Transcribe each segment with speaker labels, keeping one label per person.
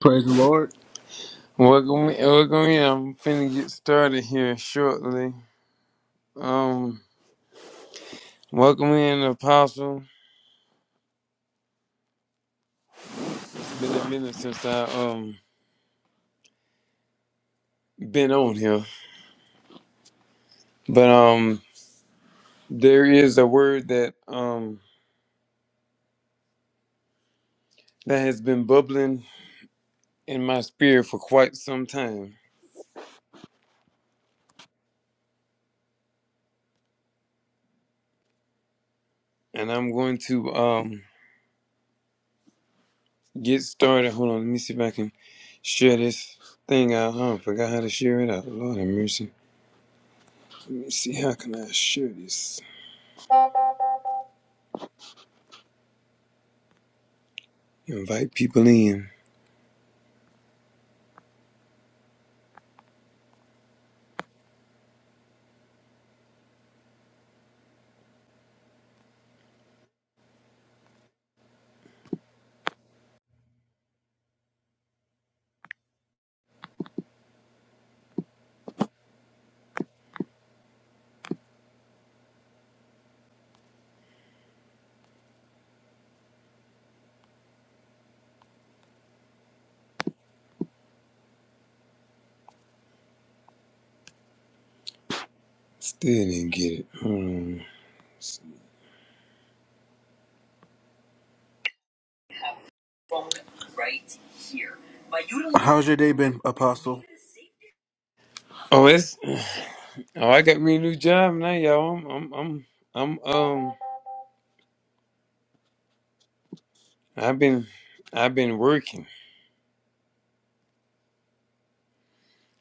Speaker 1: Praise the Lord.
Speaker 2: Welcome, in- welcome in. I'm finna get started here shortly. Um, welcome in, Apostle. It's Been a minute since I um been on here, but um, there is a word that um that has been bubbling in my spirit for quite some time, and I'm going to um get started. Hold on, let me see if I can share this thing out. Huh? I forgot how to share it out. Lord have mercy. Let me see how can I share this. Invite people in. Still didn't get it. Mm.
Speaker 1: How's your day been, Apostle?
Speaker 2: Oh, it's oh, I got me a new job now, y'all. I'm I'm I'm, I'm um I've been I've been working.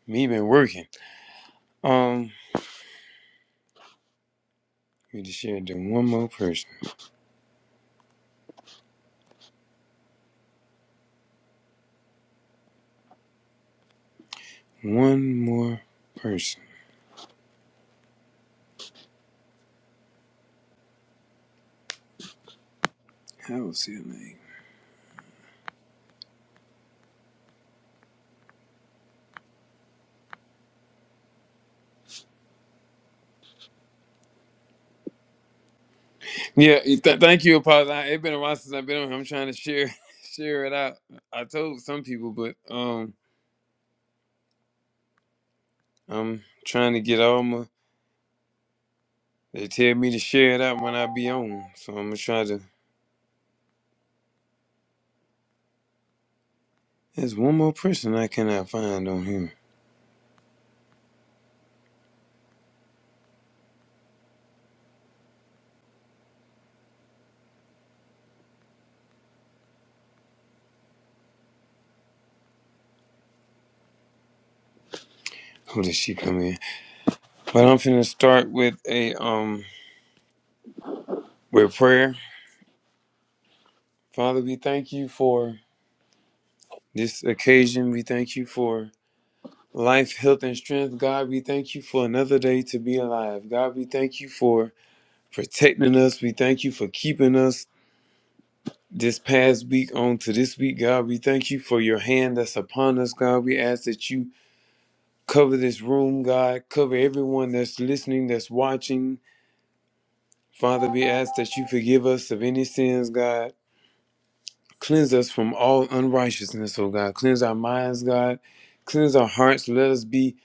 Speaker 2: Me been working. Um, we just shared to one more person. One more person. I will see her name. Yeah, you th- thank you, Apostle. I- It's been a while since I've been on. here. I'm trying to share share it out. I told some people, but um, I'm trying to get all my. They tell me to share it out when I be on, so I'm gonna try to. There's one more person I cannot find on here. Who did she come in? But I'm finna start with a um with prayer. Father, we thank you for this occasion. We thank you for life, health, and strength. God, we thank you for another day to be alive. God, we thank you for protecting us. We thank you for keeping us this past week on to this week, God. We thank you for your hand that's upon us, God. We ask that you cover this room, God. Cover everyone that's listening, that's watching. Father, we ask that you forgive us of any sins, God. Cleanse us from all unrighteousness, oh God. Cleanse our minds, God. Cleanse our hearts. Let us be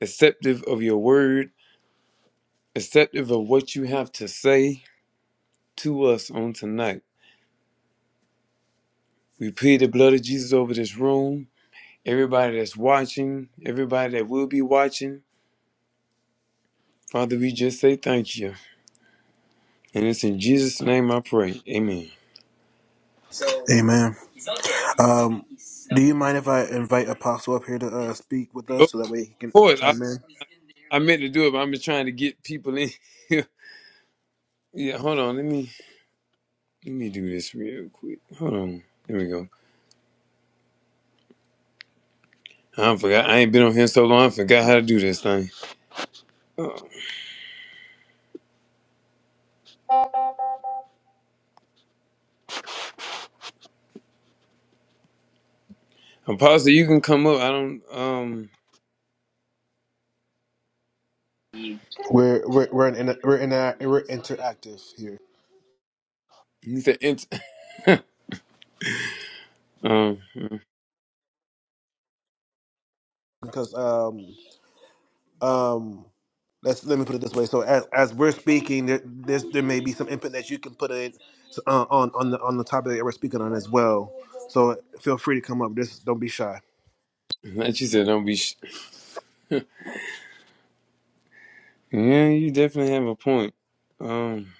Speaker 2: acceptive of your word, acceptive of what you have to say to us on tonight. We plead the blood of Jesus over this room, everybody that's watching, everybody that will be watching. Father, we just say thank you. And it's in Jesus' name I pray. Amen.
Speaker 1: Amen. Um, do you mind if I invite Apostle up here to uh, speak with
Speaker 2: Oh,
Speaker 1: us
Speaker 2: Of
Speaker 1: so that way he can
Speaker 2: course, I,
Speaker 1: chime in?
Speaker 2: I meant to do it, but I'm just trying to get people in here. Yeah, hold on. Let me. Let me do this real quick. Hold on. There we go. I forgot. I ain't been on here so long. I forgot how to do this thing. Uh, Apostle, you can come up. I don't. Um.
Speaker 1: We're we're we're in, we're in we're interactive here
Speaker 2: You said int. Um.
Speaker 1: because um um let's let me put it this way. So as as we're speaking, there there's, there may be some input that you can put in uh, on on the on the topic that we're speaking on as well. So feel free to come up. Just don't be shy.
Speaker 2: Like you said, don't be. Sh- yeah, you definitely have a point. Um.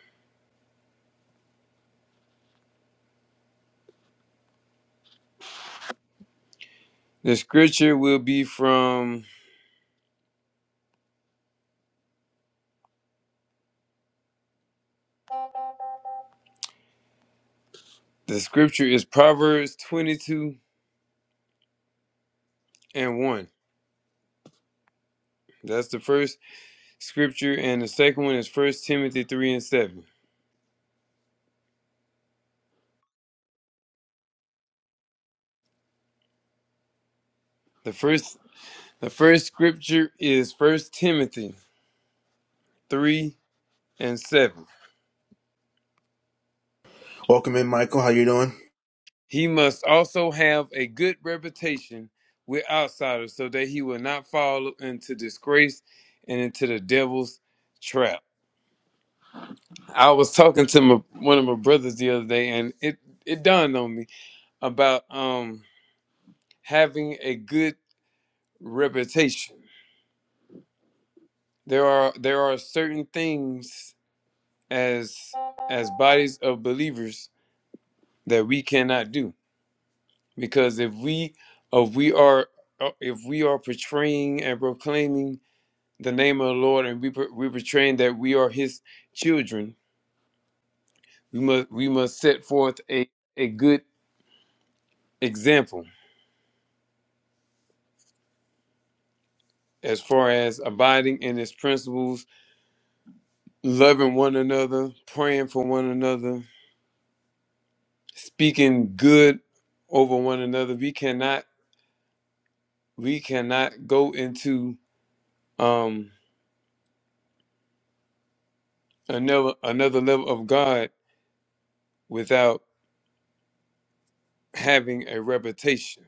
Speaker 2: The scripture will be from. The scripture is Proverbs twenty-two and one. That's the first scripture, and the second one is First Timothy three and seven. The first. The first scripture is First Timothy three and seven.
Speaker 1: Welcome in, Michael. How you doing?
Speaker 2: He must also have a good reputation with outsiders so that he will not fall into disgrace and into the devil's trap. I was talking to my, one of my brothers the other day and it, it dawned on me about um, having a good reputation. There are there are certain things as as bodies of believers that we cannot do because if we if we are uh, if we are portraying and proclaiming the name of the Lord and we per- we portraying that we are His children. We must we must set forth a a good example as far as abiding in His principles, loving one another, praying for one another, speaking good over one another. We cannot we cannot go into um another another level of God without having a reputation.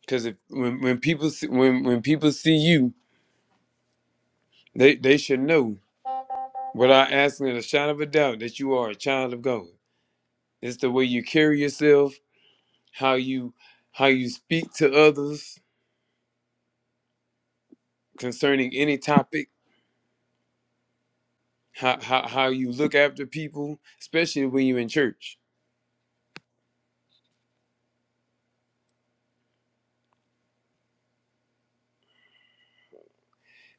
Speaker 2: Because if when, when people see, when when people see you, they they should know without asking a shot of a doubt that you are a child of God. It's the way you carry yourself, how you how you speak to others concerning any topic, how how, how you look after people, especially when you're in church,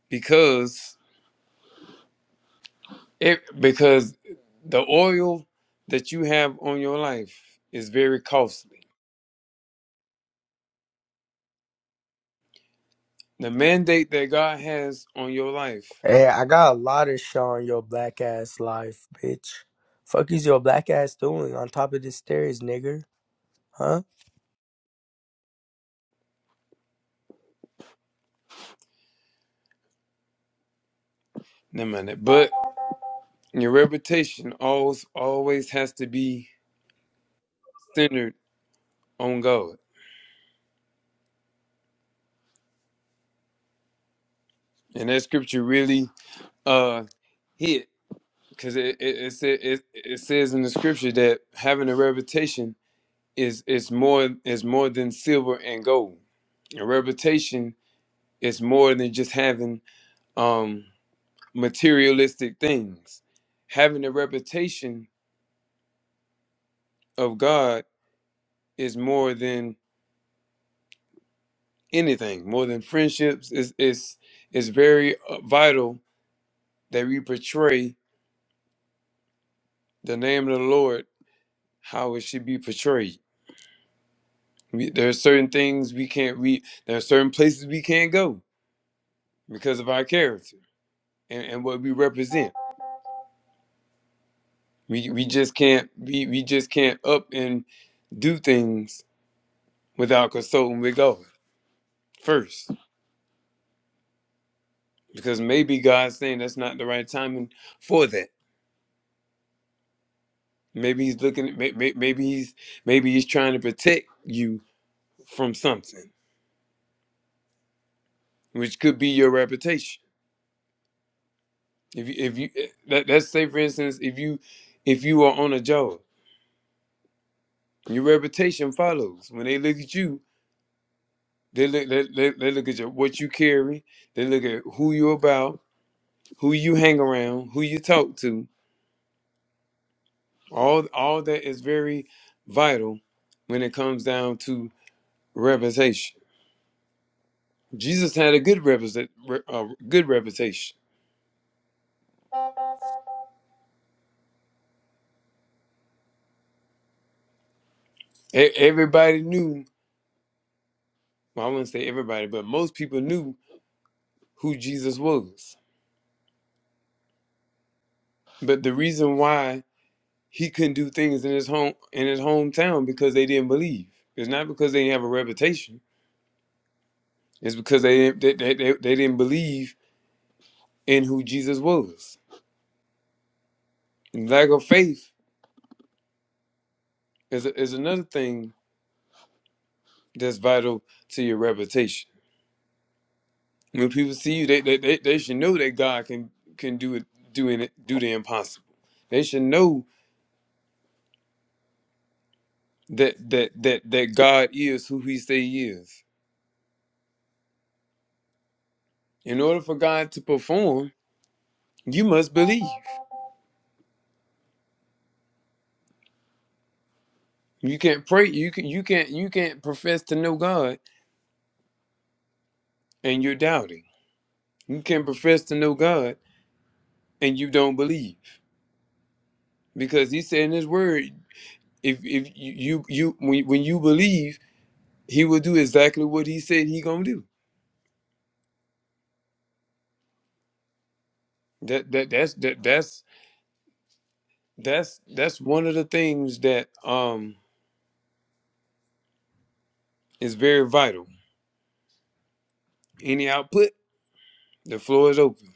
Speaker 2: because it because the oil that you have on your life is very costly. The mandate that God has on your life,
Speaker 3: Hey, I got a lot of shit on your black ass life, bitch. Fuck is your black ass doing on top of the stairs, nigger? Huh?
Speaker 2: no matter, but your reputation always always has to be centered on God And that scripture really uh hit because it it, it, sa- it it says in the scripture that having a reputation is is more is more than silver and gold. A reputation is more than just having um materialistic things. Having a reputation of God is more than anything, more than friendships. It's it's it's very uh, vital that we portray the name of the Lord how it should be portrayed We, there are certain things we can't we there are certain places we can't go because of our character and, and what we represent. We we just can't we, we just can't up and do things without consulting with God first. Because maybe God's saying that's not the right timing for that. Maybe he's looking may, may- maybe he's maybe he's trying to protect you from something, which could be your reputation. If you if you eh, that let's say for instance, if you if you are on a job Your reputation follows. When they look at you, they look they, they, they look at your, what you carry. They look at who you're about, who you hang around, who you talk to. All all that is very vital when it comes down to reputation. Jesus had a good reputation, uh, good reputation. E- Everybody knew. Well, I wouldn't say everybody, but most people knew who Jesus was. But the reason why he couldn't do things in his home in his hometown because they didn't believe. It's not because they didn't have a reputation. It's because they didn't they, they, they, they didn't believe in who Jesus was. And lack of faith is is another thing that's vital to your reputation. When people see you, they they, they, they should know that God can can do it do it do the impossible. They should know that that that that God is who He say He is. In order for God to perform, you must believe. You can't pray. You can you can't you can't profess to know God and you're doubting. You can profess to know God and you don't believe because He said in His Word, if if you you, you when, when you believe, He will do exactly what He said He gonna do. That that that's that that's that's that's one of the things that um is very vital. Any output, the floor is open.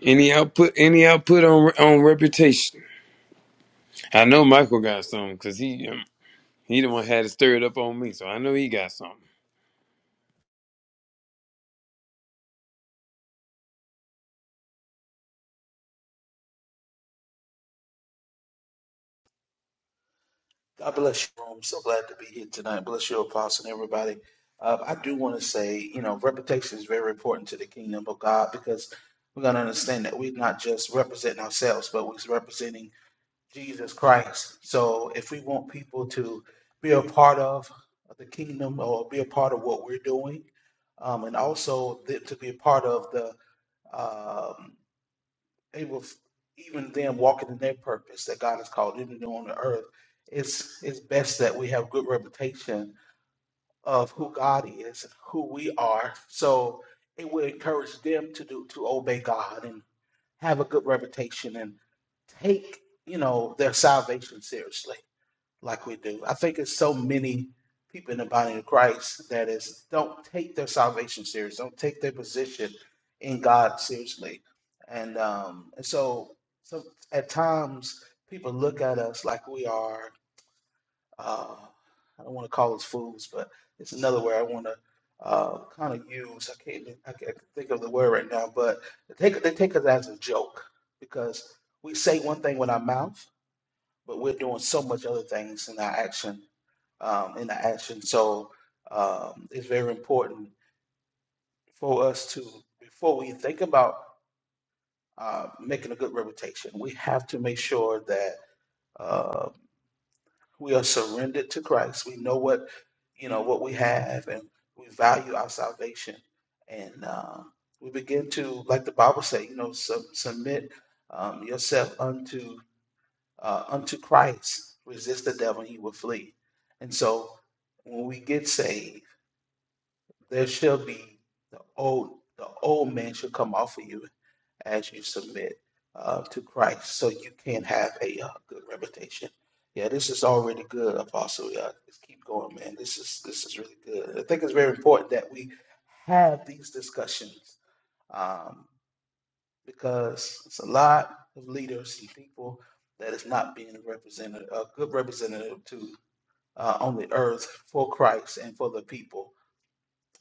Speaker 2: Any output, any output on on reputation. I know Michael got some because he. um, He the one had to stir it stirred up on me, so I know he got something.
Speaker 4: God bless you. I'm so glad to be here tonight. Bless you, Apostle, and everybody. Uh, I do want to say, you know, reputation is very important to the kingdom of God because we're going to understand that we're not just representing ourselves, but we're representing Jesus Christ. So if we want people to be a part of the kingdom or be a part of what we're doing, um, and also th- to be a part of the um Able, even them walking in their purpose that God has called them to do on the earth. It's it's best that we have good reputation of who God is, who we are. So it will encourage them to do to obey God and have a good reputation and take you know their salvation seriously like we do. I think it's so many people in the body of Christ that is don't take their salvation serious, don't take their position in God seriously, and um, and so so at times people look at us like we are. Uh, I don't want to call us fools, but it's another word I want to uh, kind of use. I can't I can't think of the word right now, but they take they take us as a joke because we say one thing with our mouth, but we're doing so much other things in our action um, in the action. So um, it's very important for us to, before we think about uh, making a good reputation, we have to make sure that uh, we are surrendered to Christ. We know what you know what we have, and we value our salvation, and uh, we begin to, like the Bible say, you know, sub- submit um, yourself unto uh, unto Christ. Resist the devil, and he will flee. And so, when we get saved There shall be the old the old man shall come off of you as you submit uh, to Christ, so you can have a uh, good reputation. Yeah, this is already good, Apostle. Yeah, just keep going, man. This is this is really good. I think it's very important that we have these discussions um, because it's a lot of leaders and people that is not being represented a good representative to uh, on the earth for Christ and for the people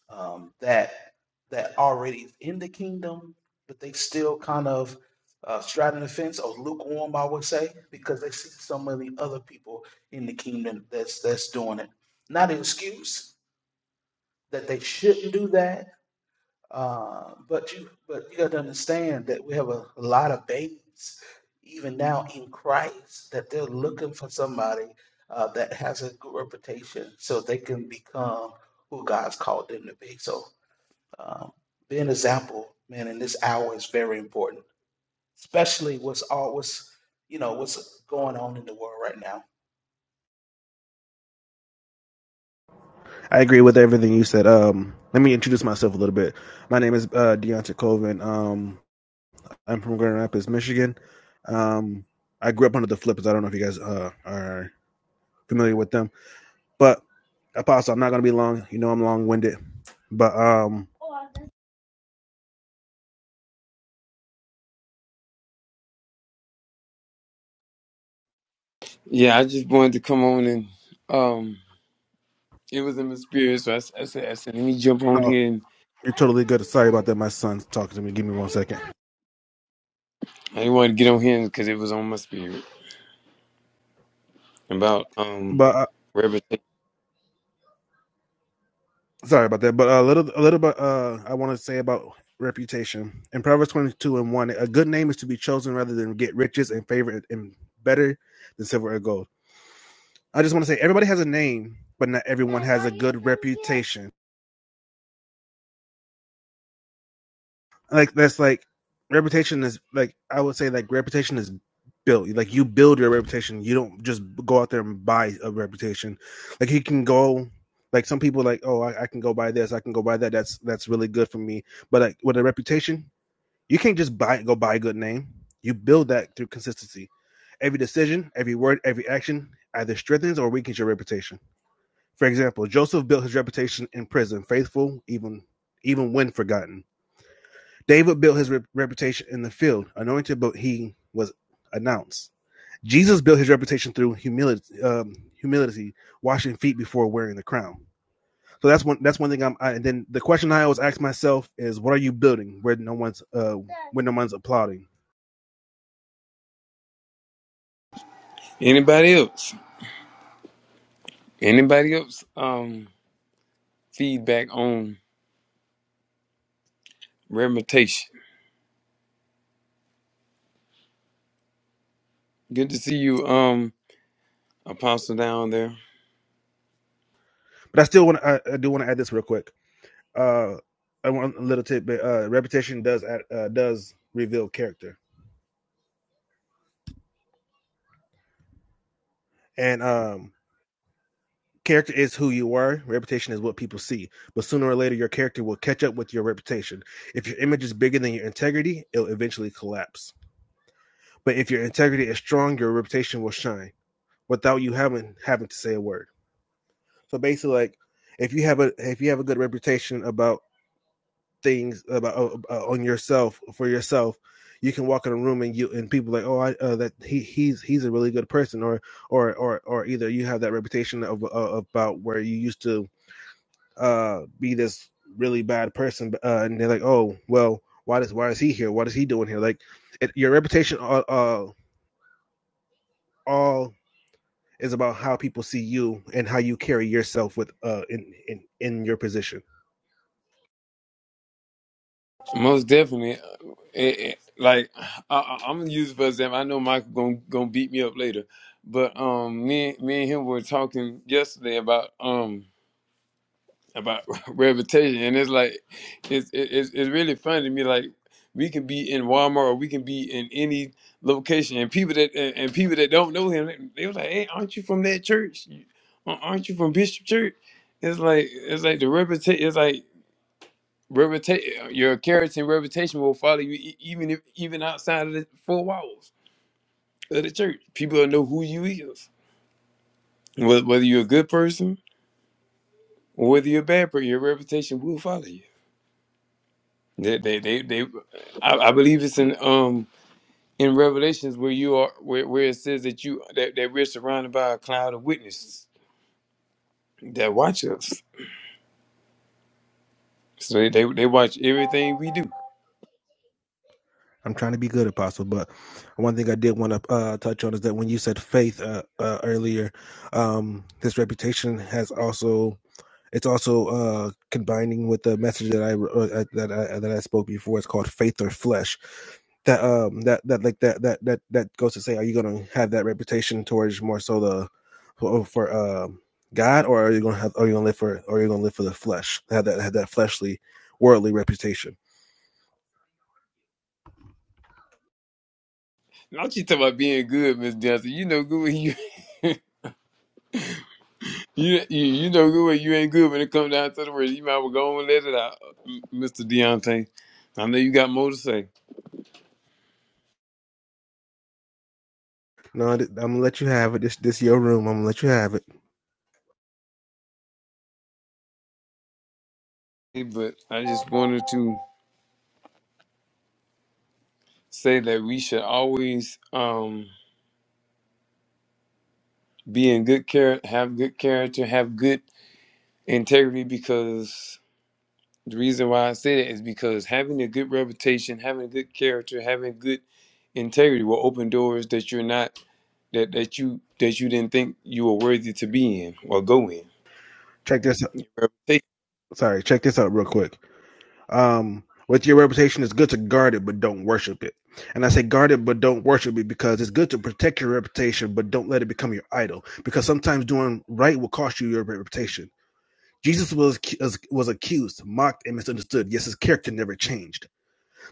Speaker 4: um, that that already is in the kingdom, but they still kind of uh, straddling the fence or lukewarm, I would say, because they see so many other people in the kingdom that's that's doing it. Not an excuse that they shouldn't do that, uh, but you but you got to understand that we have a, a lot of babes even now in Christ that they're looking for somebody uh, that has a good reputation so they can become who God's called them to be. So um, be an example, man, in this hour is very important, especially what's all what's you know what's going on in the world right now.
Speaker 1: I agree with everything you said. Um, let me introduce myself a little bit. My name is uh, Deonta Colvin. Um, I'm from Grand Rapids, Michigan. Um, I grew up under the Flippers. I don't know if you guys uh, are familiar with them, but Apostle, I'm not going to be long. You know, I'm long winded, but um,
Speaker 2: Yeah, I just wanted to come on and um, it was in my spirit, so I, s- I said, I said, let me jump on
Speaker 1: no,
Speaker 2: here and
Speaker 1: you're totally good. Sorry about that. My son's talking to me. Give me one second.
Speaker 2: I didn't want to get on here because it was on my spirit about um
Speaker 1: But
Speaker 2: reputation.
Speaker 1: Sorry about that, but a little, a little bit. Uh, I want to say about reputation in Proverbs twenty-two and one. A good name is to be chosen rather than get riches and favor and better than silver or gold. I just want to say everybody has a name, but not everyone has a good reputation. Like that's like reputation is like I would say like reputation is built. Like you build your reputation. You don't just go out there and buy a reputation. Like you can go. Like some people like, oh, I, I can go buy this, I can go buy that. That's that's really good for me. But like with a reputation, You can't just buy go buy a good name. You build that through consistency. Every decision, every word, every action either strengthens or weakens your reputation. For example, Joseph built his reputation in prison, faithful even even when forgotten. David built his rep- reputation in the field, anointed but he was announced. Jesus built his reputation through humility, um, humility, washing feet before wearing the crown. So that's one. That's one thing. I'm. I, and then the question I always ask myself is, what are you building where no one's uh, when no one's applauding?
Speaker 2: Anybody else? Anybody else? Um, feedback on reputation. Good to see you, um, Apostle down there.
Speaker 1: But I still want I, I do want to add this real quick. Uh, I want a little tidbit. Uh, reputation does add, uh, does reveal character, and um, character is who you are. Reputation is what people see. But sooner or later, your character will catch up with your reputation. If your image is bigger than your integrity, it'll eventually collapse. But if your integrity is strong, your reputation will shine without you having having to say a word. So basically, like if you have a if you have a good reputation about things about uh, on yourself for yourself you can walk in a room and you and people are like oh I, uh, that he he's he's a really good person or or or or either you have that reputation of uh, about where you used to uh be this really bad person uh, and they're like oh well why does why is he here what is he doing here like it, your reputation all, uh, all is about how people see you and how you carry yourself with uh in in, in your position.
Speaker 2: Most definitely. it, it- like I, I, I'm gonna use it for example. I know Michael gonna gonna beat me up later, but um, me and- me and him were talking yesterday about um about reputation, and it's like it's it, it's it's really funny to me. Like we can be in Walmart or we can be in any location, and people that and, and people that don't know him, they, they was like, "Hey, aren't you from that church? Aren't you from Bishop Church?" It's like it's like the reputation. It's like Reputation, your character and reputation will follow you e- even if, even outside of the four walls of the church. People will know who you is, Wh- whether you're a good person or whether you're a bad person. Your reputation will follow you. They, they, they, they I, I believe it's in um in Revelations where you are where, where it says that you that, that we're surrounded by a cloud of witnesses that watch us. So they, they, they watch everything we do.
Speaker 1: I'm trying to be good, Apostle. But one thing I did want to uh, touch on is that when you said faith uh, uh, earlier, um, this reputation has also it's also uh, combining with the message that I uh, uh, that I, that I spoke before. It's called faith or flesh. That um that that like that that that that goes to say, are you going to have that reputation towards more so the for, oh, for um God, or are you going to have are you going to live for or are you going to live for the flesh? Have that have that fleshly worldly reputation
Speaker 2: Not you talking about being good, Miss Johnson. You know good when you. You, you you know good when you ain't good when it comes down to the words. You might well go and let it out, Mr. Deontay. I know you got more to say,
Speaker 1: no i'm gonna let you have it this this your room i'm gonna let you have it
Speaker 2: but I just wanted to say that we should always um, be in good care, have good character, have good integrity. Because the reason why I say that is because having a good reputation, having good character, having good integrity will open doors that you're not that that you that you didn't think you were worthy to be in or go in.
Speaker 1: check this sorry check this out real quick um with your reputation it's good to guard it but don't worship it and i say guard it but don't worship it because it's good to protect your reputation but don't let it become your idol because sometimes doing right will cost you your reputation Jesus was was accused, mocked, and misunderstood. Yes, his character never changed.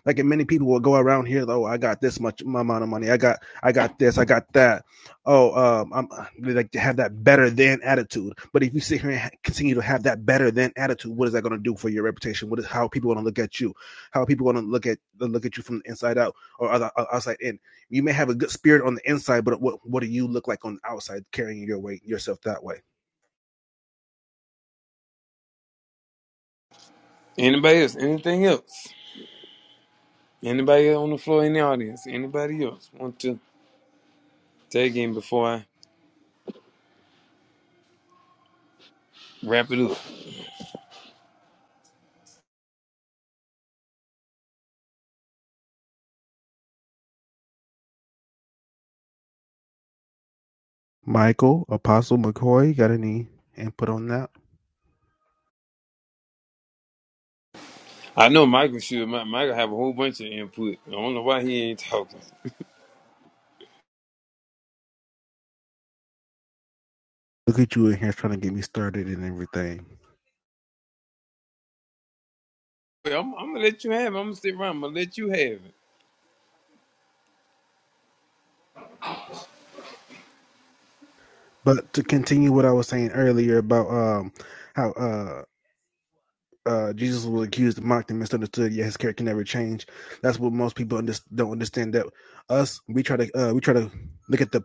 Speaker 1: Like and many people will go around here, oh, I got this much amount of money, I got I got this, I got that. Oh, um, I'm they like to have that better than attitude. But if you sit here and continue to have that better than attitude, what is that going to do for your reputation? What is how people want to look at you? How people want to look at look at you from the inside out or other, outside in? You may have a good spirit on the inside, but what what do you look like on the outside, carrying your weight yourself that way?
Speaker 2: Anybody else? Anything else? Anybody else on the floor in the audience? Anybody else want to take in before I wrap it up?
Speaker 1: Michael Apostle McCoy got any input on that?
Speaker 2: I know Michael should. Mi- Michael have a whole bunch of input. I don't know why he ain't talking.
Speaker 1: Look at you in here trying to get me started and everything.
Speaker 2: Well, I'm, I'm gonna let you have it. I'm gonna sit around. I'm gonna let you have it.
Speaker 1: But to continue what I was saying earlier about um how uh uh Jesus was accused, mocked, and misunderstood. Yet his character never changed. That's what most people under- don't understand. That us we try to uh we try to look at the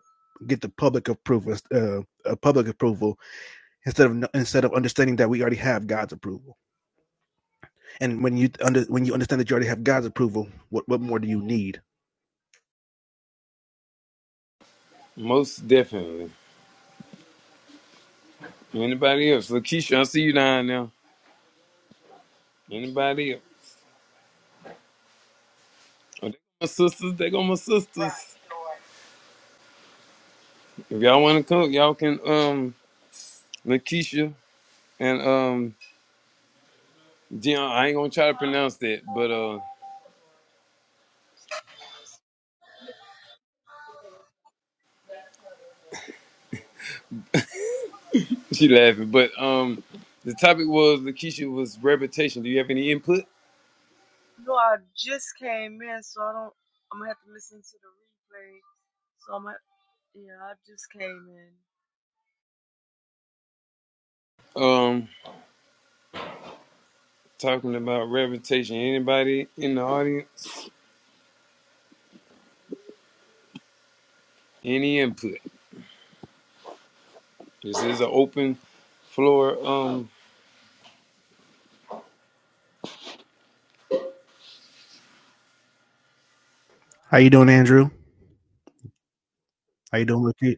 Speaker 1: get the public approval uh, uh public approval instead of no, instead of understanding that we already have God's approval. And when you under when you understand that you already have God's approval, what what more do you need?
Speaker 2: Most definitely. Anybody else? Lakeisha, I see you down now. Anybody else? Oh, they my sisters. They go my sisters. If y'all wanna come, y'all can. Um, Lakeisha and um, Dion. I ain't gonna try to pronounce that, but uh. She laughing, but um, the topic was Lakeisha was reputation. Do you have any input?
Speaker 5: No, I just came in, so I don't. I'm gonna have to listen to the replay. So I'm gonna. Yeah, I just came in.
Speaker 2: Um, talking about reputation. Anybody in the audience? Any input? This is an open floor. Um,
Speaker 1: How you doing, Andrew? How you doing, Lakeisha?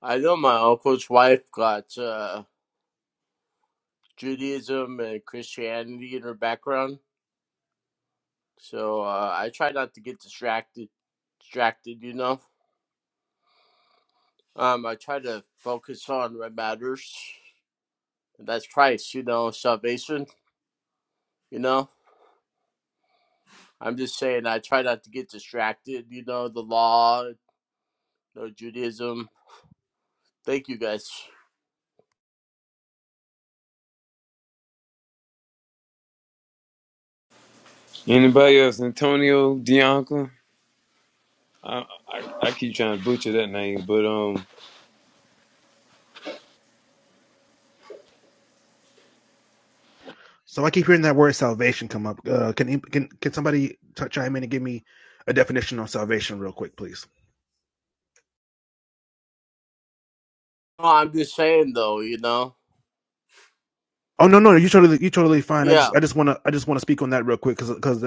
Speaker 6: I know my uncle's wife got uh, Judaism and Christianity in her background, so uh, I try not to get distracted. Distracted, you know. Um, I try to focus on what matters. And that's Christ, you know, salvation. You know, I'm just saying I try not to get distracted. You know, the law, you know, Judaism. Thank you guys.
Speaker 2: anybody else? Antonio Bianca. I, I I keep trying to butcher that name, but um,
Speaker 1: So I keep hearing that word salvation come up. Uh, can can can somebody t- chime in and give me a definition on salvation real quick, please?
Speaker 6: No, I'm just saying though, you know.
Speaker 1: Oh no, no, you totally you totally fine. I
Speaker 6: Yeah.
Speaker 1: just I just want to I just want to speak on that real quick because because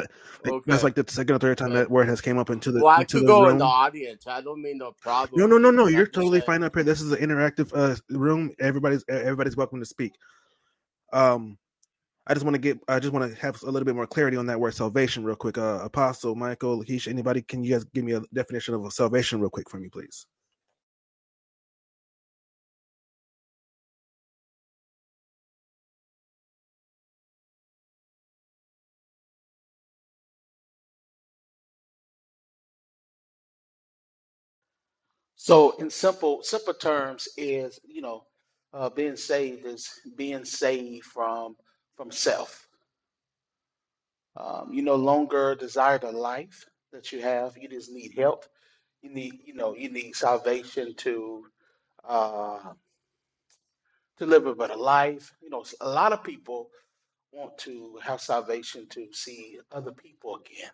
Speaker 1: like, that's
Speaker 6: Okay.
Speaker 1: like the second or third time
Speaker 6: Okay.
Speaker 1: that word has came up into the
Speaker 6: Well, I
Speaker 1: into
Speaker 6: could
Speaker 1: the
Speaker 6: go in the
Speaker 1: room.
Speaker 6: audience. I don't mean no
Speaker 1: No,
Speaker 6: problem or
Speaker 1: no, no, no,
Speaker 6: anything.
Speaker 1: you're
Speaker 6: I'm just
Speaker 1: totally
Speaker 6: saying
Speaker 1: fine up here. This is an interactive uh room. Everybody's everybody's welcome to speak. Um, I just want to get, I just want to have a little bit more clarity on that word salvation, real quick. Uh, Apostle Michael, Lakeisha, anybody, can you guys give me a definition of a salvation, real quick, for me, please?
Speaker 4: So, in simple simple terms, is you know uh, being saved is being saved from from self. Um, you no longer desire the life that you have. You just need help. You need you know you need salvation to uh, to live a better life. You know, a lot of people want to have salvation to see other people again.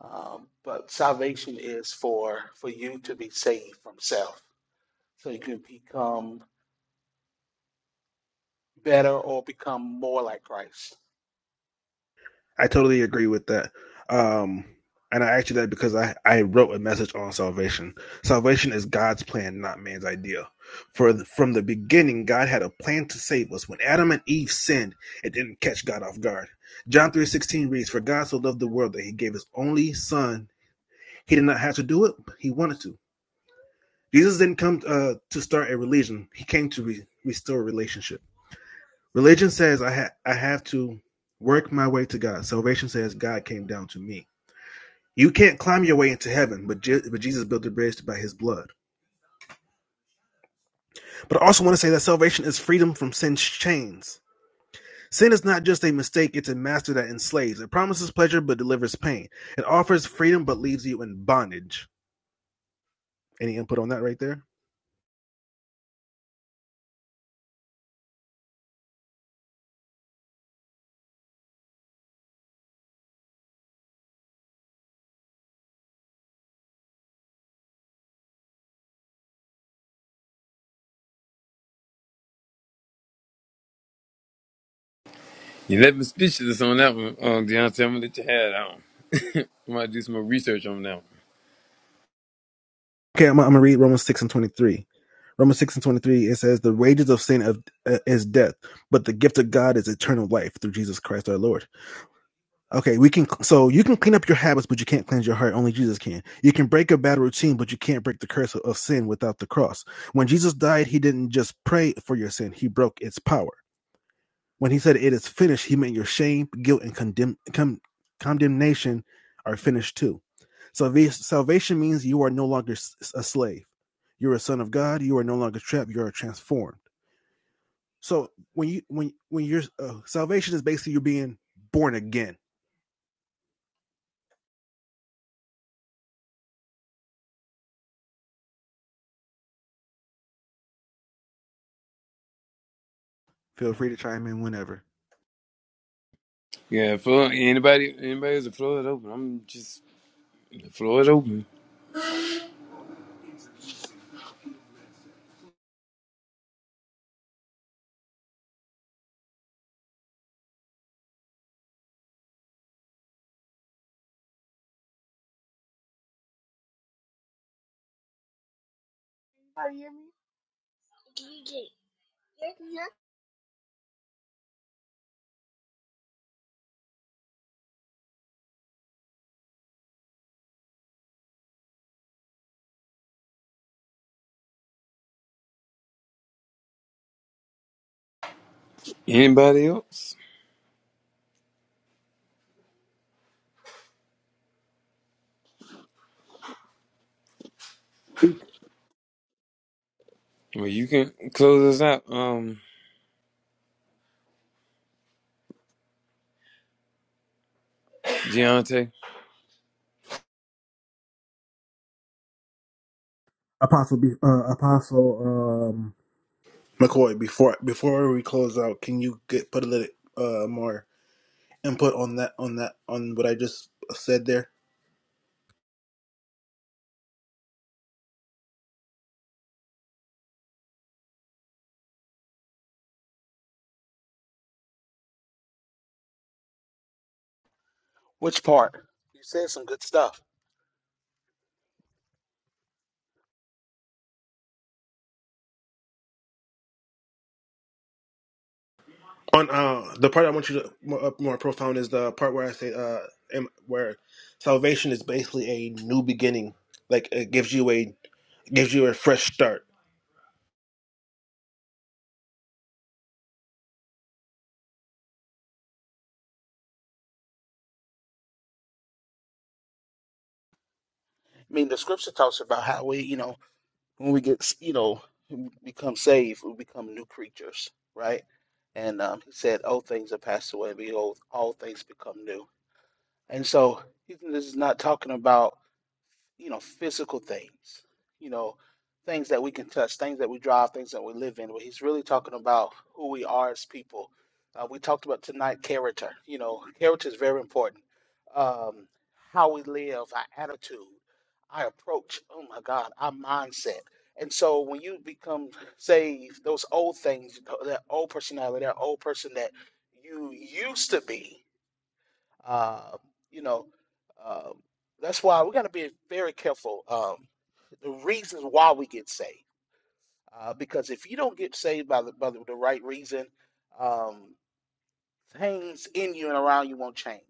Speaker 4: Um, but salvation is for for you to be saved from self, so you can become better or become more like Christ.
Speaker 1: I totally agree with that. Um, and I asked you that because I, I wrote a message on salvation. Salvation is God's plan, not man's idea. For th- from the beginning, God had a plan to save us. When Adam and Eve sinned, it didn't catch God off guard. John three sixteen reads, "For God so loved the world that He gave His only Son. He did not have to do it; but He wanted to." Jesus didn't come uh, to start a religion. He came to re- restore relationship. Religion says I ha- I have to work my way to God. Salvation says God came down to me. You can't climb your way into heaven, but, Je- but Jesus built the bridge by his blood. But I also want to say that salvation is freedom from sin's chains. Sin is not just a mistake, it's a master that enslaves. It promises pleasure but delivers pain. It offers freedom but leaves you in bondage. Any input on that right there?
Speaker 2: you left me speechless on that one. Um, Deontay, I'm gonna let you have that one. I might do some more research on that one.
Speaker 1: Okay, I'm, I'm going to read Romans 6 and 23. Romans 6 and 23, it says, The wages of sin of, uh, is death, but the gift of God is eternal life through Jesus Christ our Lord. Okay, we can. So you can clean up your habits, but you can't cleanse your heart. Only Jesus can. You can break a bad routine, but you can't break the curse of, sin without the cross. When Jesus died, he didn't just pray for your sin; he broke its power. When he said it is finished, he meant your shame, guilt, and condemn, com, condemnation are finished too. So salvation means you are no longer a slave. You're a son of God. You are no longer trapped. You are transformed. So when you when when your uh, salvation is basically you being born again. Feel free to chime in whenever.
Speaker 2: Yeah, floor. Anybody? Anybody? else? The floor is open. I'm just the floor is open.
Speaker 5: Can you hear me?
Speaker 2: Anybody else?
Speaker 1: Speak,
Speaker 2: Well, you can close us out, um, Deontay.
Speaker 1: Apostle, be- uh, Apostle, um, McCoy, before before we close out, can you get put a little uh, more input on that on that on what I just said there?
Speaker 4: Which part? You said some good stuff.
Speaker 1: On uh, the part I want you to more, uh, more profound is the part where I say uh, am- where salvation is basically a new beginning, like it gives you a gives you a fresh start.
Speaker 4: I mean, the scripture talks about how we, you know, when we get, you know, become saved, we become new creatures, right? And um, he said, "Old things are passed away; behold, all things become new." And so, this is not talking about you know, physical things, you know, things that we can touch, things that we drive, things that we live in. But he's really talking about who we are as people. Uh, we talked about tonight character. You know, character is very important. Um, how we live, our attitude, our approach. Oh my God, our mindset. And so when you become saved, those old things, that old personality, that old person that you used to be, uh, you know, um, that's why we got to be very careful. Um, the reasons why we get saved, uh, because if you don't get saved by the by the, the right reason, um, things in you and around you won't change.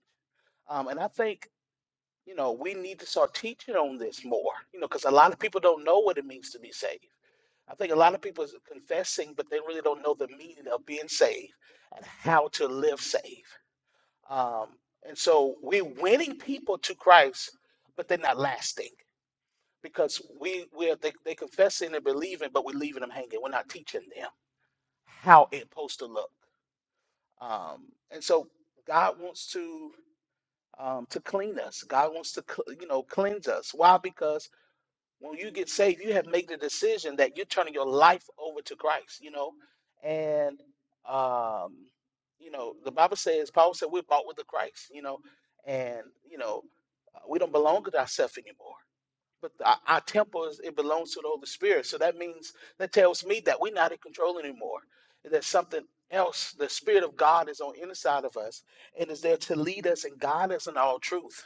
Speaker 4: Um, and I think you know we need to start teaching on this more. You know, because a lot of people don't know what it means to be saved. I think a lot of people is confessing, but they really don't know the meaning of being saved and how to live saved. Um, and so we're winning people to Christ, but they're not lasting because we we are, they they confessing and believing, but we're leaving them hanging. We're not teaching them how it's supposed to look. Um, and so God wants to um, to clean us. God wants to cl- you know cleanse us. Why? Because when you get saved, you have made the decision that you're turning your life over to Christ, you know. And um, you know, the Bible says, Paul said, we're bought with the Christ, you know, and you know, uh, we don't belong to ourselves anymore but our, our temple is it belongs to the Holy Spirit. So that means that tells me that we're not in control anymore. That something else, the Spirit of God is on the inside of us and is there to lead us and guide us in all truth.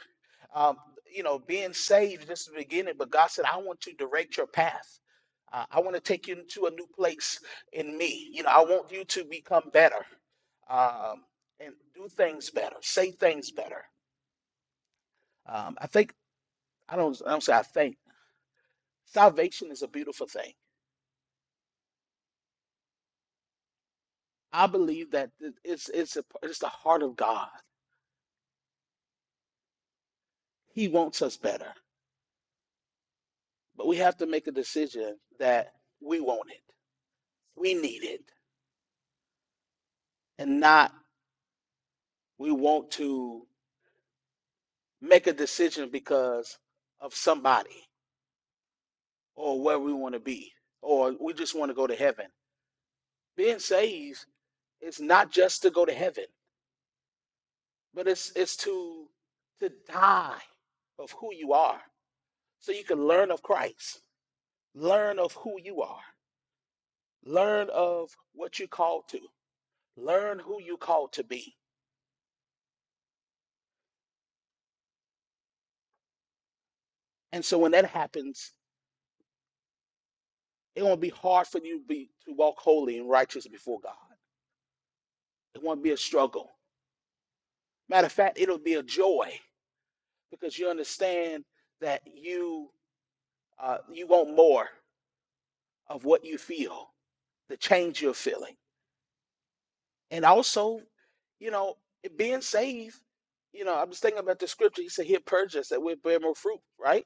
Speaker 4: Um, you know, being saved this is the beginning, but God said, I want to direct your path. Uh, I want to take you into a new place in me. You know, I want you to become better um, and do things better, say things better. Um, I think I don't. I don't say I think. Salvation is a beautiful thing. I believe that th- it's it's a, it's the heart of God. He wants us better, but we have to make a decision that we want it, we need it, and not we want to make a decision because of somebody or where we want to be or we just want to go to heaven. Being saved is not just to go to heaven, but it's it's to to die of who you are so you can learn of Christ, learn of who you are. Learn of what you're called to. Learn who you called to be. And so when that happens, it won't be hard for you be, to walk holy and righteous before God. It won't be a struggle. Matter of fact, it'll be a joy because you understand that you uh, you want more of what you feel, the change you're feeling, and also, you know, it being saved. You know, I'm just thinking about the scripture. He said he'll purge us that we'll bear more fruit, right?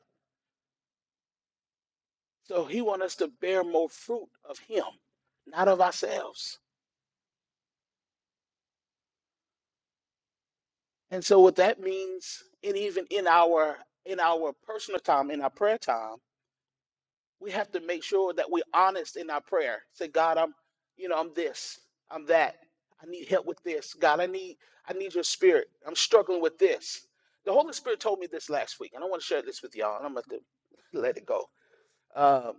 Speaker 4: So he wants us to bear more fruit of him, not of ourselves. And so what that means, and even in our in our personal time, in our prayer time, we have to make sure that we're honest in our prayer. Say, God, I'm, you know, I'm this, I'm that. I need help with this. God, I need I need your spirit. I'm struggling with this. The Holy Spirit told me this last week, and I want to share this with y'all, and I'm gonna let it go. Um,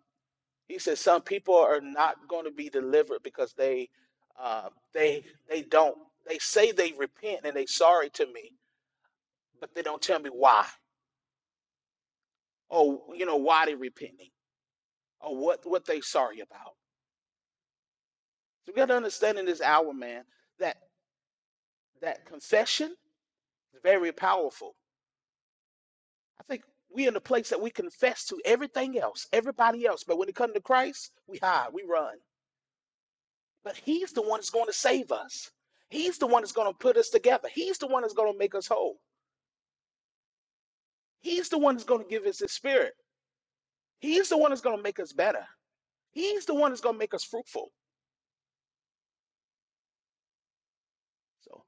Speaker 4: He says some people are not going to be delivered because they uh, they they don't they say they repent and they sorry to me, but they don't tell me why or you know why they repenting or what what they sorry about. So we got to understand in this hour, man, that that confession is very powerful. I think we are in the place that we confess to everything else, everybody else, but when it comes to Christ, we hide, we run. But He's the one that's going to save us. He's the one that's going to put us together. He's the one that's going to make us whole. He's the one that's going to give us His Spirit. He's the one that's going to make us better. He's the one that's going to make us fruitful. So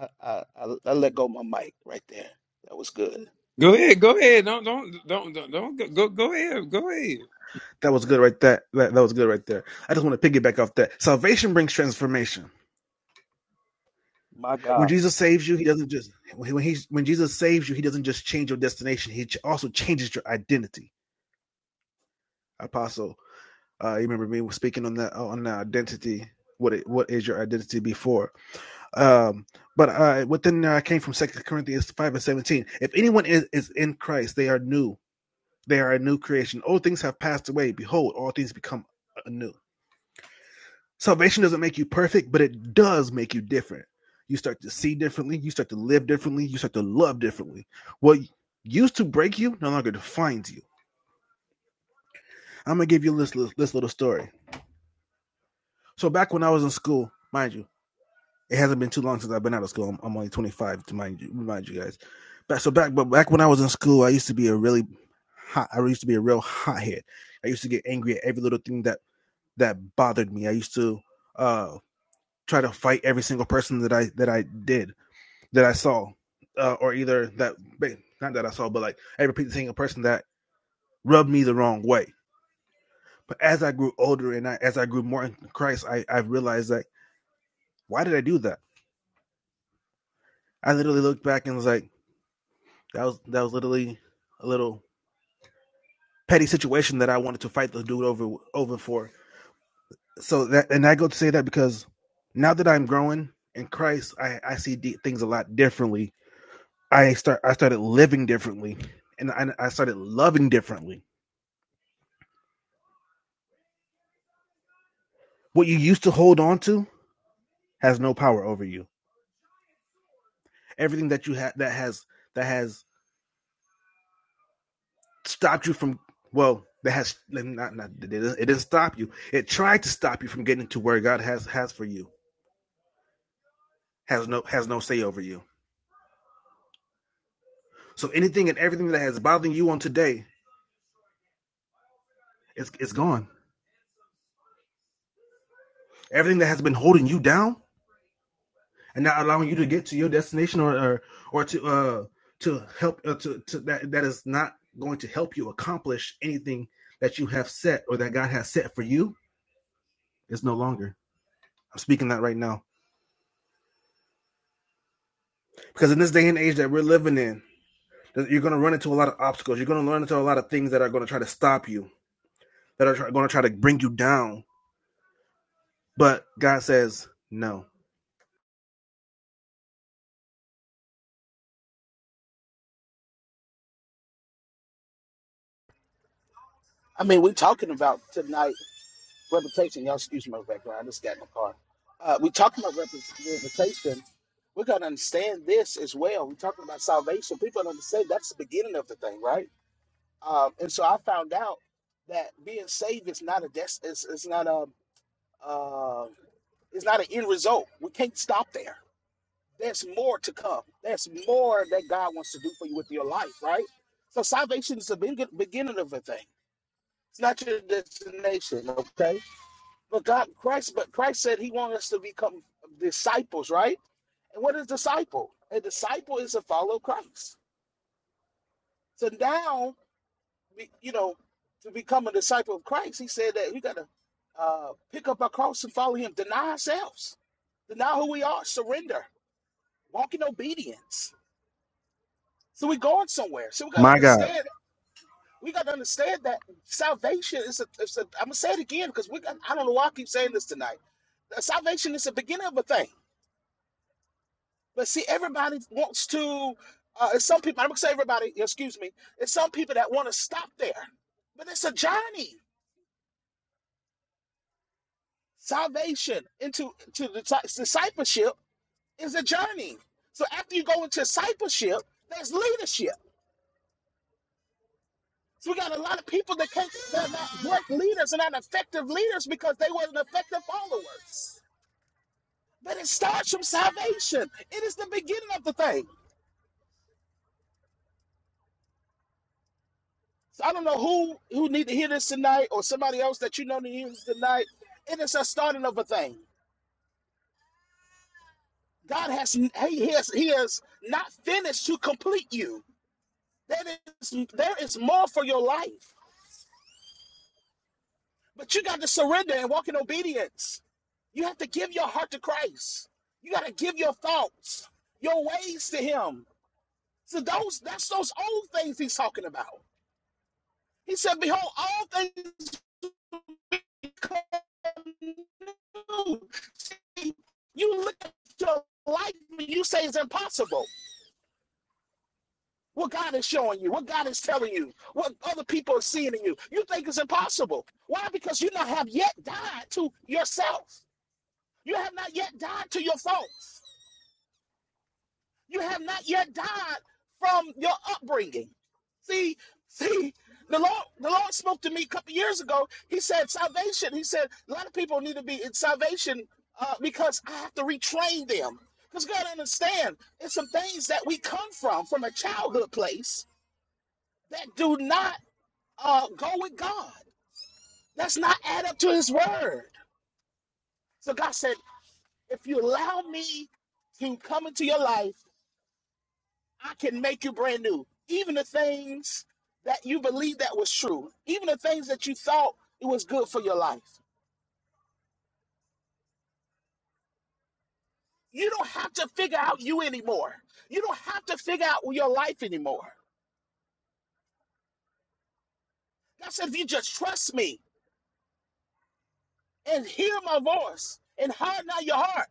Speaker 4: I, I, I, I let go my mic right there. That was good.
Speaker 2: Go ahead, go ahead. Don't, don't, don't, don't, don't go, go go ahead, go ahead.
Speaker 1: That was good right there. That, that was good right there. I just want to piggyback off that. Salvation brings transformation.
Speaker 4: My
Speaker 1: When
Speaker 4: God.
Speaker 1: Jesus saves you, he doesn't just when he when, Jesus saves you, he doesn't just change your destination. He also changes your identity. Apostle, uh, you remember me speaking on that on the identity. What it, what is your identity before? Um, but uh, within there, I came from Second Corinthians five and seventeen. If anyone is, is in Christ, they are new. They are a new creation. Old things have passed away. Behold, all things become anew. Salvation doesn't make you perfect, but it does make you different. You start to see differently, you start to live differently, you start to love differently. What used to break you no longer defines you. I'm gonna give you this, this little story. So back when I was in school, mind you, it hasn't been too long since I've been out of school. I'm, I'm only 25 to mind you, remind you guys. But so back, but back when I was in school, I used to be a really hot. I used to be a real hothead. I used to get angry at every little thing that that bothered me. I used to uh, try to fight every single person that I that I did. that I saw, uh, or either that not that I saw, but like every single person that rubbed me the wrong way. But as I grew older and I, as I grew more in Christ, I, I realized like, why did I do that? I literally looked back and was like, that was that was literally a little petty situation that I wanted to fight the dude over over for. So that and I go to say that because now that I'm growing in Christ, I, I see d- things a lot differently. I start I started living differently, and I, I started loving differently. what you used to hold on to has no power over you. Everything that you had that has that has stopped you from well that has not, not it, didn't, it didn't stop you. It tried to stop you from getting to where God has has for you has no has no say over you. So anything and everything that has bothering you on today is it's gone. Everything that has been holding you down and not allowing you to get to your destination or or, or to uh to help uh, to, to that that is not going to help you accomplish anything that you have set or that God has set for you It's no longer. I'm speaking that right now because in this day and age that we're living in, you're going to run into a lot of obstacles. You're going to run into a lot of things that are going to try to stop you, that are going to try to bring you down. But God says no.
Speaker 4: I mean, we're talking about tonight. reputation. Y'all excuse my background. I just got in the car. Uh, we talking about rep- reputation. We gotta understand this as well. We're talking about salvation. People don't understand that's the beginning of the thing, right? Um, and so I found out that being saved is not a des- it's, it's not a uh, it's not an end result. We can't stop there. There's more to come. There's more that God wants to do for you with your life, right? So salvation is the begin- beginning of a thing. It's not your destination, okay? But God, Christ, but Christ said He wants us to become disciples, right? And what is disciple? A disciple is to follow Christ. So now, you know, to become a disciple of Christ, He said that we got to uh, pick up our cross and follow Him, deny ourselves, deny who we are, surrender, walk in obedience. So we're going somewhere. So we got to
Speaker 1: My God.
Speaker 4: understand. We got to understand that salvation is a. Is a I'm gonna say it again because we. got- I don't know why I keep saying this tonight. Uh, Salvation is the beginning of a thing. But see, everybody wants to. Uh, it's some people. I'm gonna say everybody. Excuse me. It's some people that want to stop there, but it's a journey. Salvation into to discipleship is a journey. So after you go into discipleship, there's leadership. So we got a lot of people that can't. They're not great leaders and not effective leaders because they weren't effective followers. But it starts from salvation. It is the beginning of the thing. So I don't know who who need to hear this tonight, or somebody else that you know needs to hear this tonight. It is a starting of a thing. God has he has he has not finished to complete you. There is there is more for your life, but you got to surrender and walk in obedience. You have to give your heart to Christ. You got to give your thoughts, your ways to Him. So those that's those old things He's talking about. He said, "Behold, all things." you. See, you look at your life and you say it's impossible. What God is showing you, what God is telling you, what other people are seeing in you, you think it's impossible. Why? Because you not have yet died to yourself. You have not yet died to your faults. You have not yet died from your upbringing. See, see, the Lord, the Lord spoke to me a couple years ago. He said, salvation. He said, a lot of people need to be in salvation uh, because I have to retrain them. Because God understand, there's some things that we come from, from a childhood place, that do not uh, go with God. That's not add up to His word. So God said, if you allow me to come into your life I can make you brand new. Even the things that you believe that was true, even the things that you thought it was good for your life. You don't have to figure out you anymore. You don't have to figure out your life anymore. God said, if you just trust me and hear my voice and harden not your heart.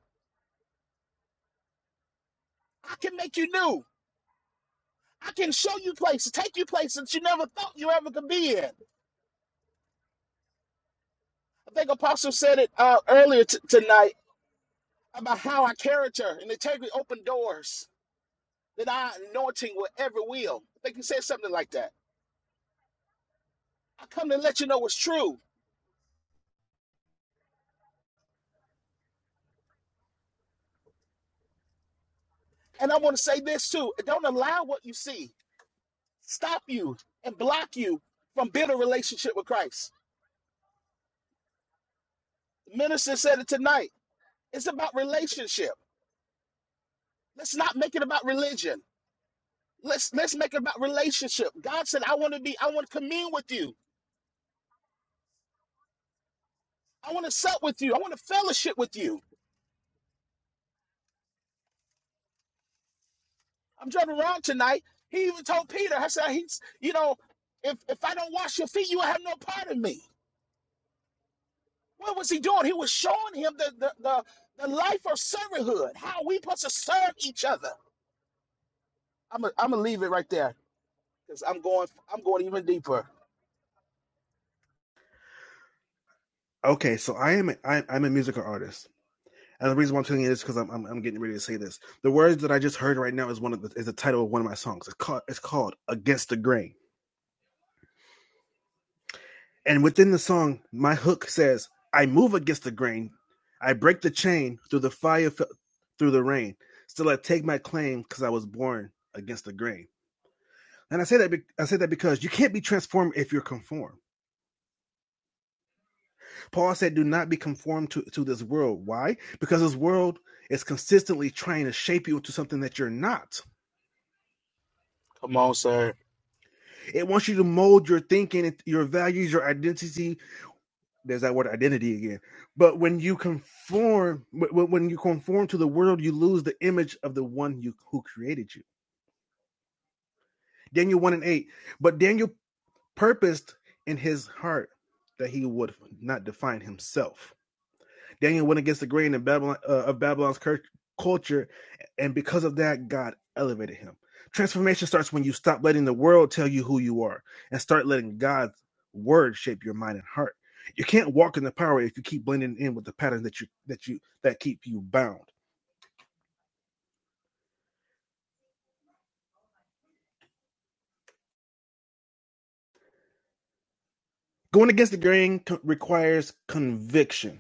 Speaker 4: I can make you new. I can show you places, take you places that you never thought you ever could be in. I think Apostle said it uh, earlier t- tonight about how our character and integrity open doors that I anointing with every will. I think you said something like that. I come to let you know it's true. And I want to say this too. Don't allow what you see stop you and block you from building a relationship with Christ. The minister said it tonight. It's about relationship. Let's not make it about religion. Let's let's make it about relationship. God said, I want to be, I want to commune with you. I want to sup with you. I want to fellowship with you. I'm driving around tonight. He even told Peter, I said, he's, you know, if if I don't wash your feet, you will have no part in me. What was he doing? He was showing him the the the, the life of servanthood, how we supposed to serve each other. I'm gonna I'm gonna leave it right there because I'm going I'm going even deeper.
Speaker 1: Okay, so I am a, I, am a musical artist, and the reason why I'm telling you this is because I'm, I'm I'm getting ready to say this. The words that I just heard right now is one of the, is the title of one of my songs. It's called it's called Against the Grain. And within the song, my hook says, I move against the grain. I break the chain through the fire, through the rain. Still, I take my claim because I was born against the grain. And I say that I say that because you can't be transformed if you're conformed. Paul said, "Do not be conformed to, to this world." Why? Because this world is consistently trying to shape you into something that you're not.
Speaker 4: Come on, sir.
Speaker 1: It wants you to mold your thinking, your values, your identity there's that word identity again. But when you conform, when you conform to the world, you lose the image of the one you who created you. Daniel one and eight. But Daniel purposed in his heart that he would not define himself, Daniel went against the grain of Babylon uh, of Babylon's cur- culture, and because of that, God elevated him. Transformation starts when you stop letting the world tell you who you are and start letting God's word shape your mind and heart. You can't walk in the power if you keep blending in with the patterns that you that you that keep you bound. Going against the grain co- requires conviction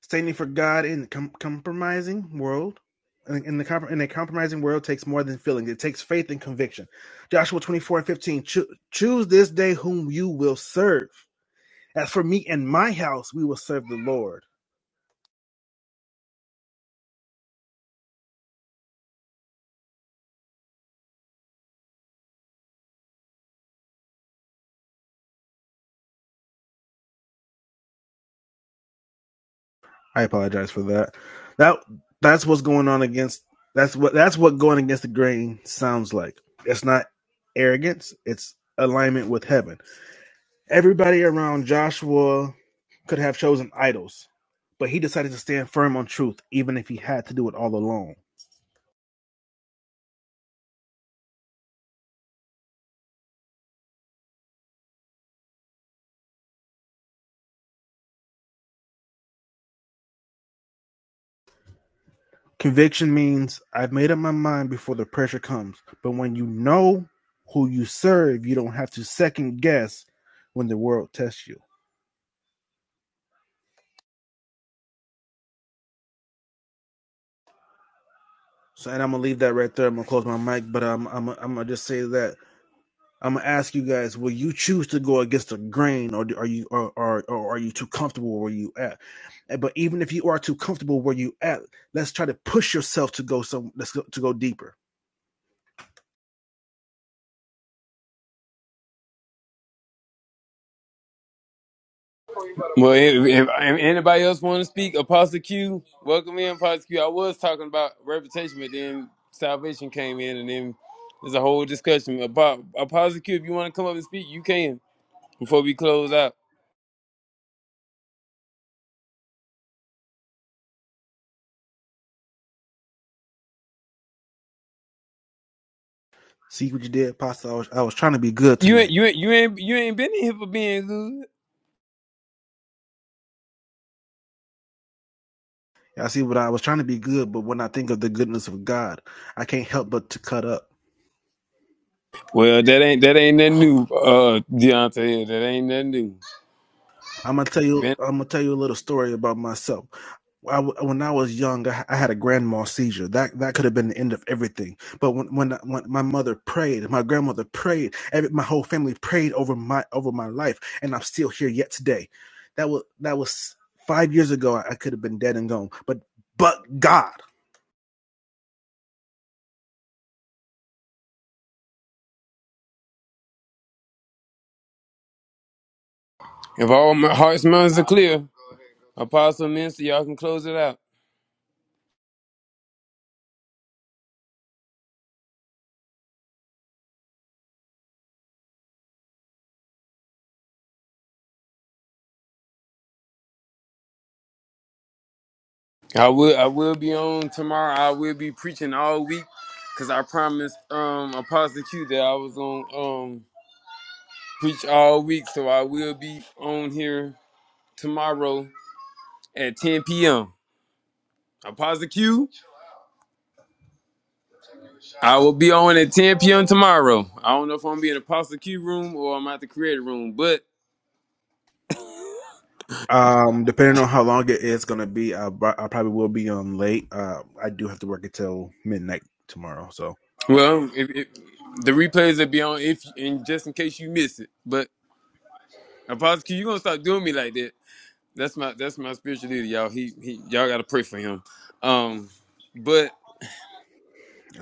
Speaker 1: Standing for God in com- compromising world, in, in the compr in a compromising world takes more than feelings. It takes faith and conviction. Joshua twenty four and fifteen. Cho- choose this day whom you will serve. As for me and my house, we will serve the Lord. I apologize for that. That that's what's going on against. That's what that's what going against the grain sounds like. It's not arrogance. It's alignment with heaven. Everybody around Joshua could have chosen idols, but he decided to stand firm on truth, even if he had to do it all alone. Conviction means I've made up my mind before the pressure comes, but when you know who you serve, you don't have to second guess when the world tests you. So, and I'm gonna leave that right there. I'm gonna close my mic, but um, I'm I'm gonna just say that I'm gonna ask you guys: Will you choose to go against the grain, or are you or, or, or are you too comfortable where you at? Eh, But even if you are too comfortable where you at, let's try to push yourself to go some. Let's go, to go deeper.
Speaker 2: Well, if, if, anybody else want to speak, Apostle Q, welcome in, Apostle Q. I was talking about reputation, but then salvation came in, and then there's a whole discussion about Apostle Q. If you want to come up and speak, you can before we close out.
Speaker 1: See what you did, Pastor. I was, I was trying to be good
Speaker 2: You ain't,
Speaker 1: tonight.
Speaker 2: you ain't, you ain't, you ain't been in here for being good.
Speaker 1: I see what I was trying to be good, but when I think of the goodness of God, I can't help but to cut up.
Speaker 2: Well, that ain't, that ain't nothing new, uh, Deontay. That ain't nothing
Speaker 1: I'm gonna tell you.
Speaker 2: new.
Speaker 1: I'm gonna tell you a little story about myself. I w when I was young, I, I had a grandma seizure. That that could have been the end of everything. But when when, when my mother prayed, my grandmother prayed, every, my whole family prayed over my over my life, and I'm still here yet today. That was that was five years ago. I, I could have been dead and gone. But but God.
Speaker 2: If all my heart's minds are clear, Apostle Minister, y'all can close it out. I will I will be on tomorrow. I will be preaching all week because I promised um Apostle Q that I was gonna um preach all week. So I will be on here tomorrow at 10 p.m. Apostle Q, I will be on at 10 p.m. tomorrow. I don't know if I'm gonna be in Apostle Q room or I'm at the creator room, but
Speaker 1: Um, depending on how long it is gonna be, I, I probably will be on late. Uh, I do have to work until midnight tomorrow, so
Speaker 2: well, if, if, the replays will be on if and just in case you miss it. But Apostle Q, you gonna stop doing me like that. That's my that's my spiritual leader, y'all. He he y'all gotta pray for him. Um but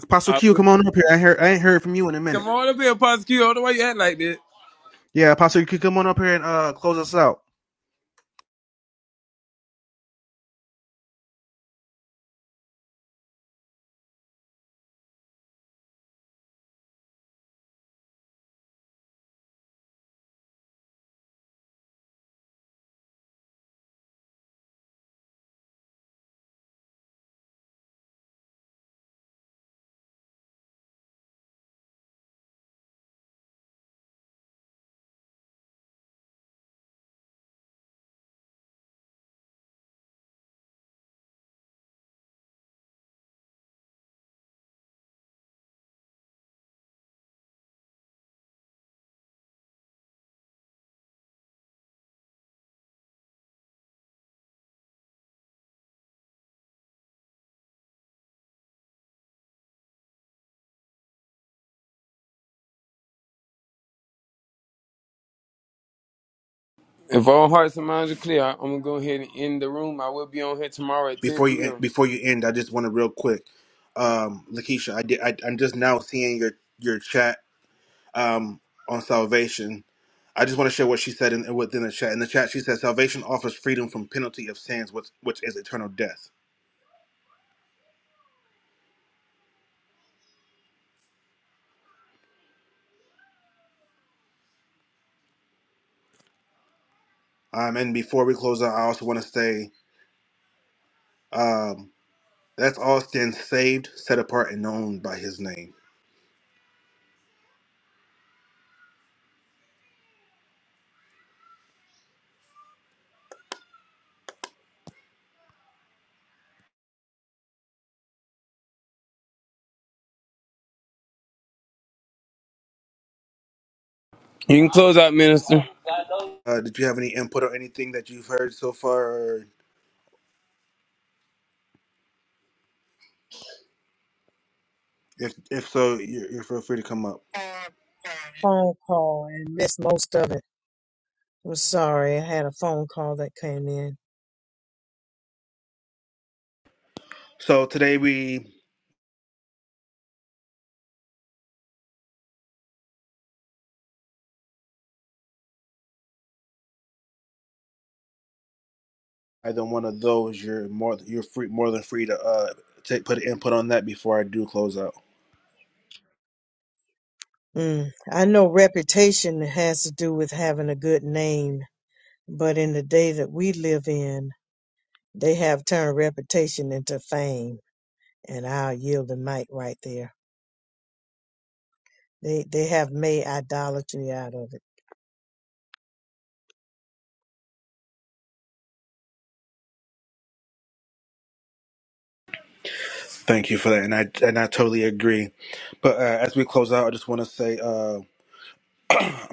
Speaker 1: Apostle
Speaker 2: I
Speaker 1: Q,
Speaker 2: would-
Speaker 1: come on up here. I heard I ain't heard from you in a minute.
Speaker 2: come on up here, Apostle Q. I don't know why you act like that.
Speaker 1: Yeah, Apostle Q, come on up here and uh close us out.
Speaker 2: If all hearts and minds are clear, I- I'm gonna go ahead and end the room. I will be on here tomorrow at 10
Speaker 1: before you en-
Speaker 2: p.m.
Speaker 1: before you end, I just want to real quick, um, Lakeisha. I did. I, I'm just now seeing your your chat um, on salvation. I just want to share what she said in, within the chat. In the chat, she said salvation offers freedom from penalty of sins, which which is eternal death. Um, and before we close out, I also want to say. um, That's all stands saved, set apart, and known by His name.
Speaker 2: You can close out, minister.
Speaker 1: Uh, did you have any input or anything that you've heard so far? Or if if so, you're, you're feel free to come up.
Speaker 7: phone call and missed most of it. I'm sorry, I had a phone call that came in.
Speaker 1: So today we either one of those. You're more you're free more than free to uh take put input on that before I do close out.
Speaker 7: Mm. I know reputation has to do with having a good name, but in the day that we live in, they have turned reputation into fame, and I'll yield the mic right there. They they have made idolatry out of it.
Speaker 1: Thank you for that, and I and I totally agree. But uh, as we close out, I just want to say. Uh,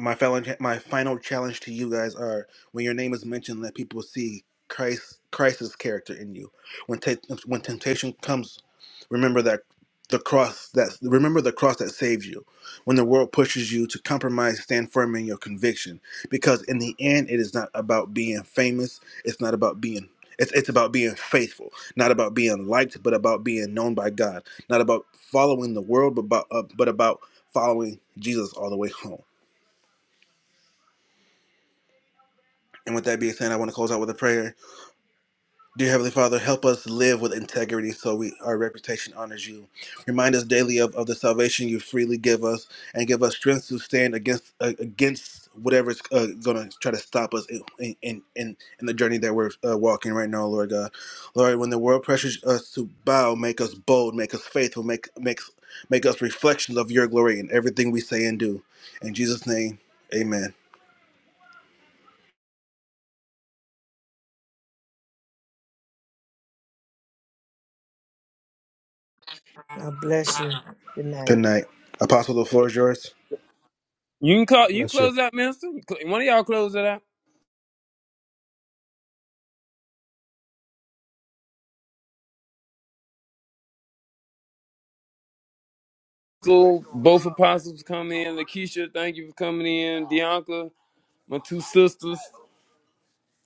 Speaker 1: my final my final challenge to you guys are when your name is mentioned, let people see Christ Christ's character in you. When te- when temptation comes, remember that the cross that remember the cross that saved you. When the world pushes you to compromise, stand firm in your conviction. Because in the end, it is not about being famous. It's not about being it's, it's about being faithful, not about being liked, but about being known by God. Not about following the world, but about, uh, but about following Jesus all the way home. And with that being said, I want to close out with a prayer. Dear Heavenly Father, help us live with integrity so we our reputation honors you. Remind us daily of, of the salvation you freely give us and give us strength to stand against uh, against whatever is uh, going to try to stop us in, in, in, in the journey that we're uh, walking right now, Lord God. Lord, when the world pressures us to bow, make us bold, make us faithful, make, make, make us reflections of your glory in everything we say and do. In Jesus' name, amen.
Speaker 7: God bless you. Good night.
Speaker 1: Good night. Apostle, the floor is yours.
Speaker 2: You can call
Speaker 4: God
Speaker 2: you can
Speaker 4: bless you.
Speaker 2: close out, minister. You cl- One of y'all close it out. Cool. Both apostles come in. Lakeisha, thank you for coming in. Bianca, my two sisters.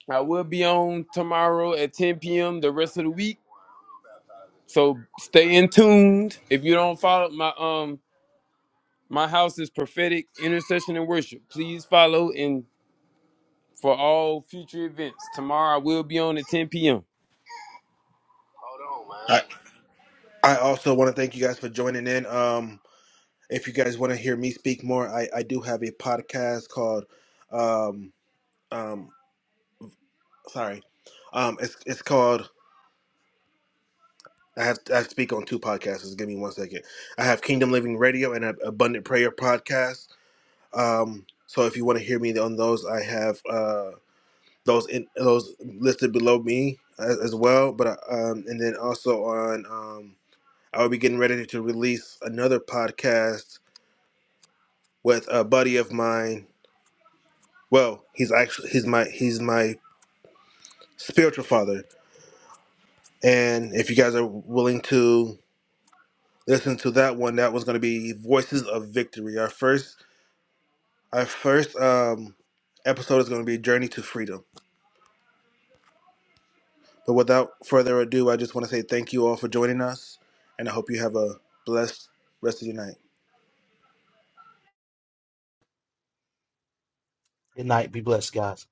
Speaker 2: I will be on tomorrow at 10 p.m. the rest of the week. So stay in tuned. If you don't follow my um my house is prophetic intercession and worship. Please follow and for all future events. Tomorrow I will be on at 10 p.m.
Speaker 1: I I also want to thank you guys for joining in. Um, if you guys want to hear me speak more, I, I do have a podcast called, um, um, sorry, um, it's it's called. I have I speak on two podcasts. Just give me one second. I have Kingdom Living Radio and a Abundant Prayer podcast. Um, so if you want to hear me on those, I have uh those in those listed below me as, as well. But uh, um, and then also on um, I will be getting ready to release another podcast with a buddy of mine. Well, he's actually he's my he's my spiritual father. And if you guys are willing to listen to that one, that was going to be Voices of Victory. Our first our first um, episode is going to be Journey to Freedom. But without further ado, I just want to say thank you all for joining us, and I hope you have a blessed rest of your night.
Speaker 4: Good night. Be blessed, guys.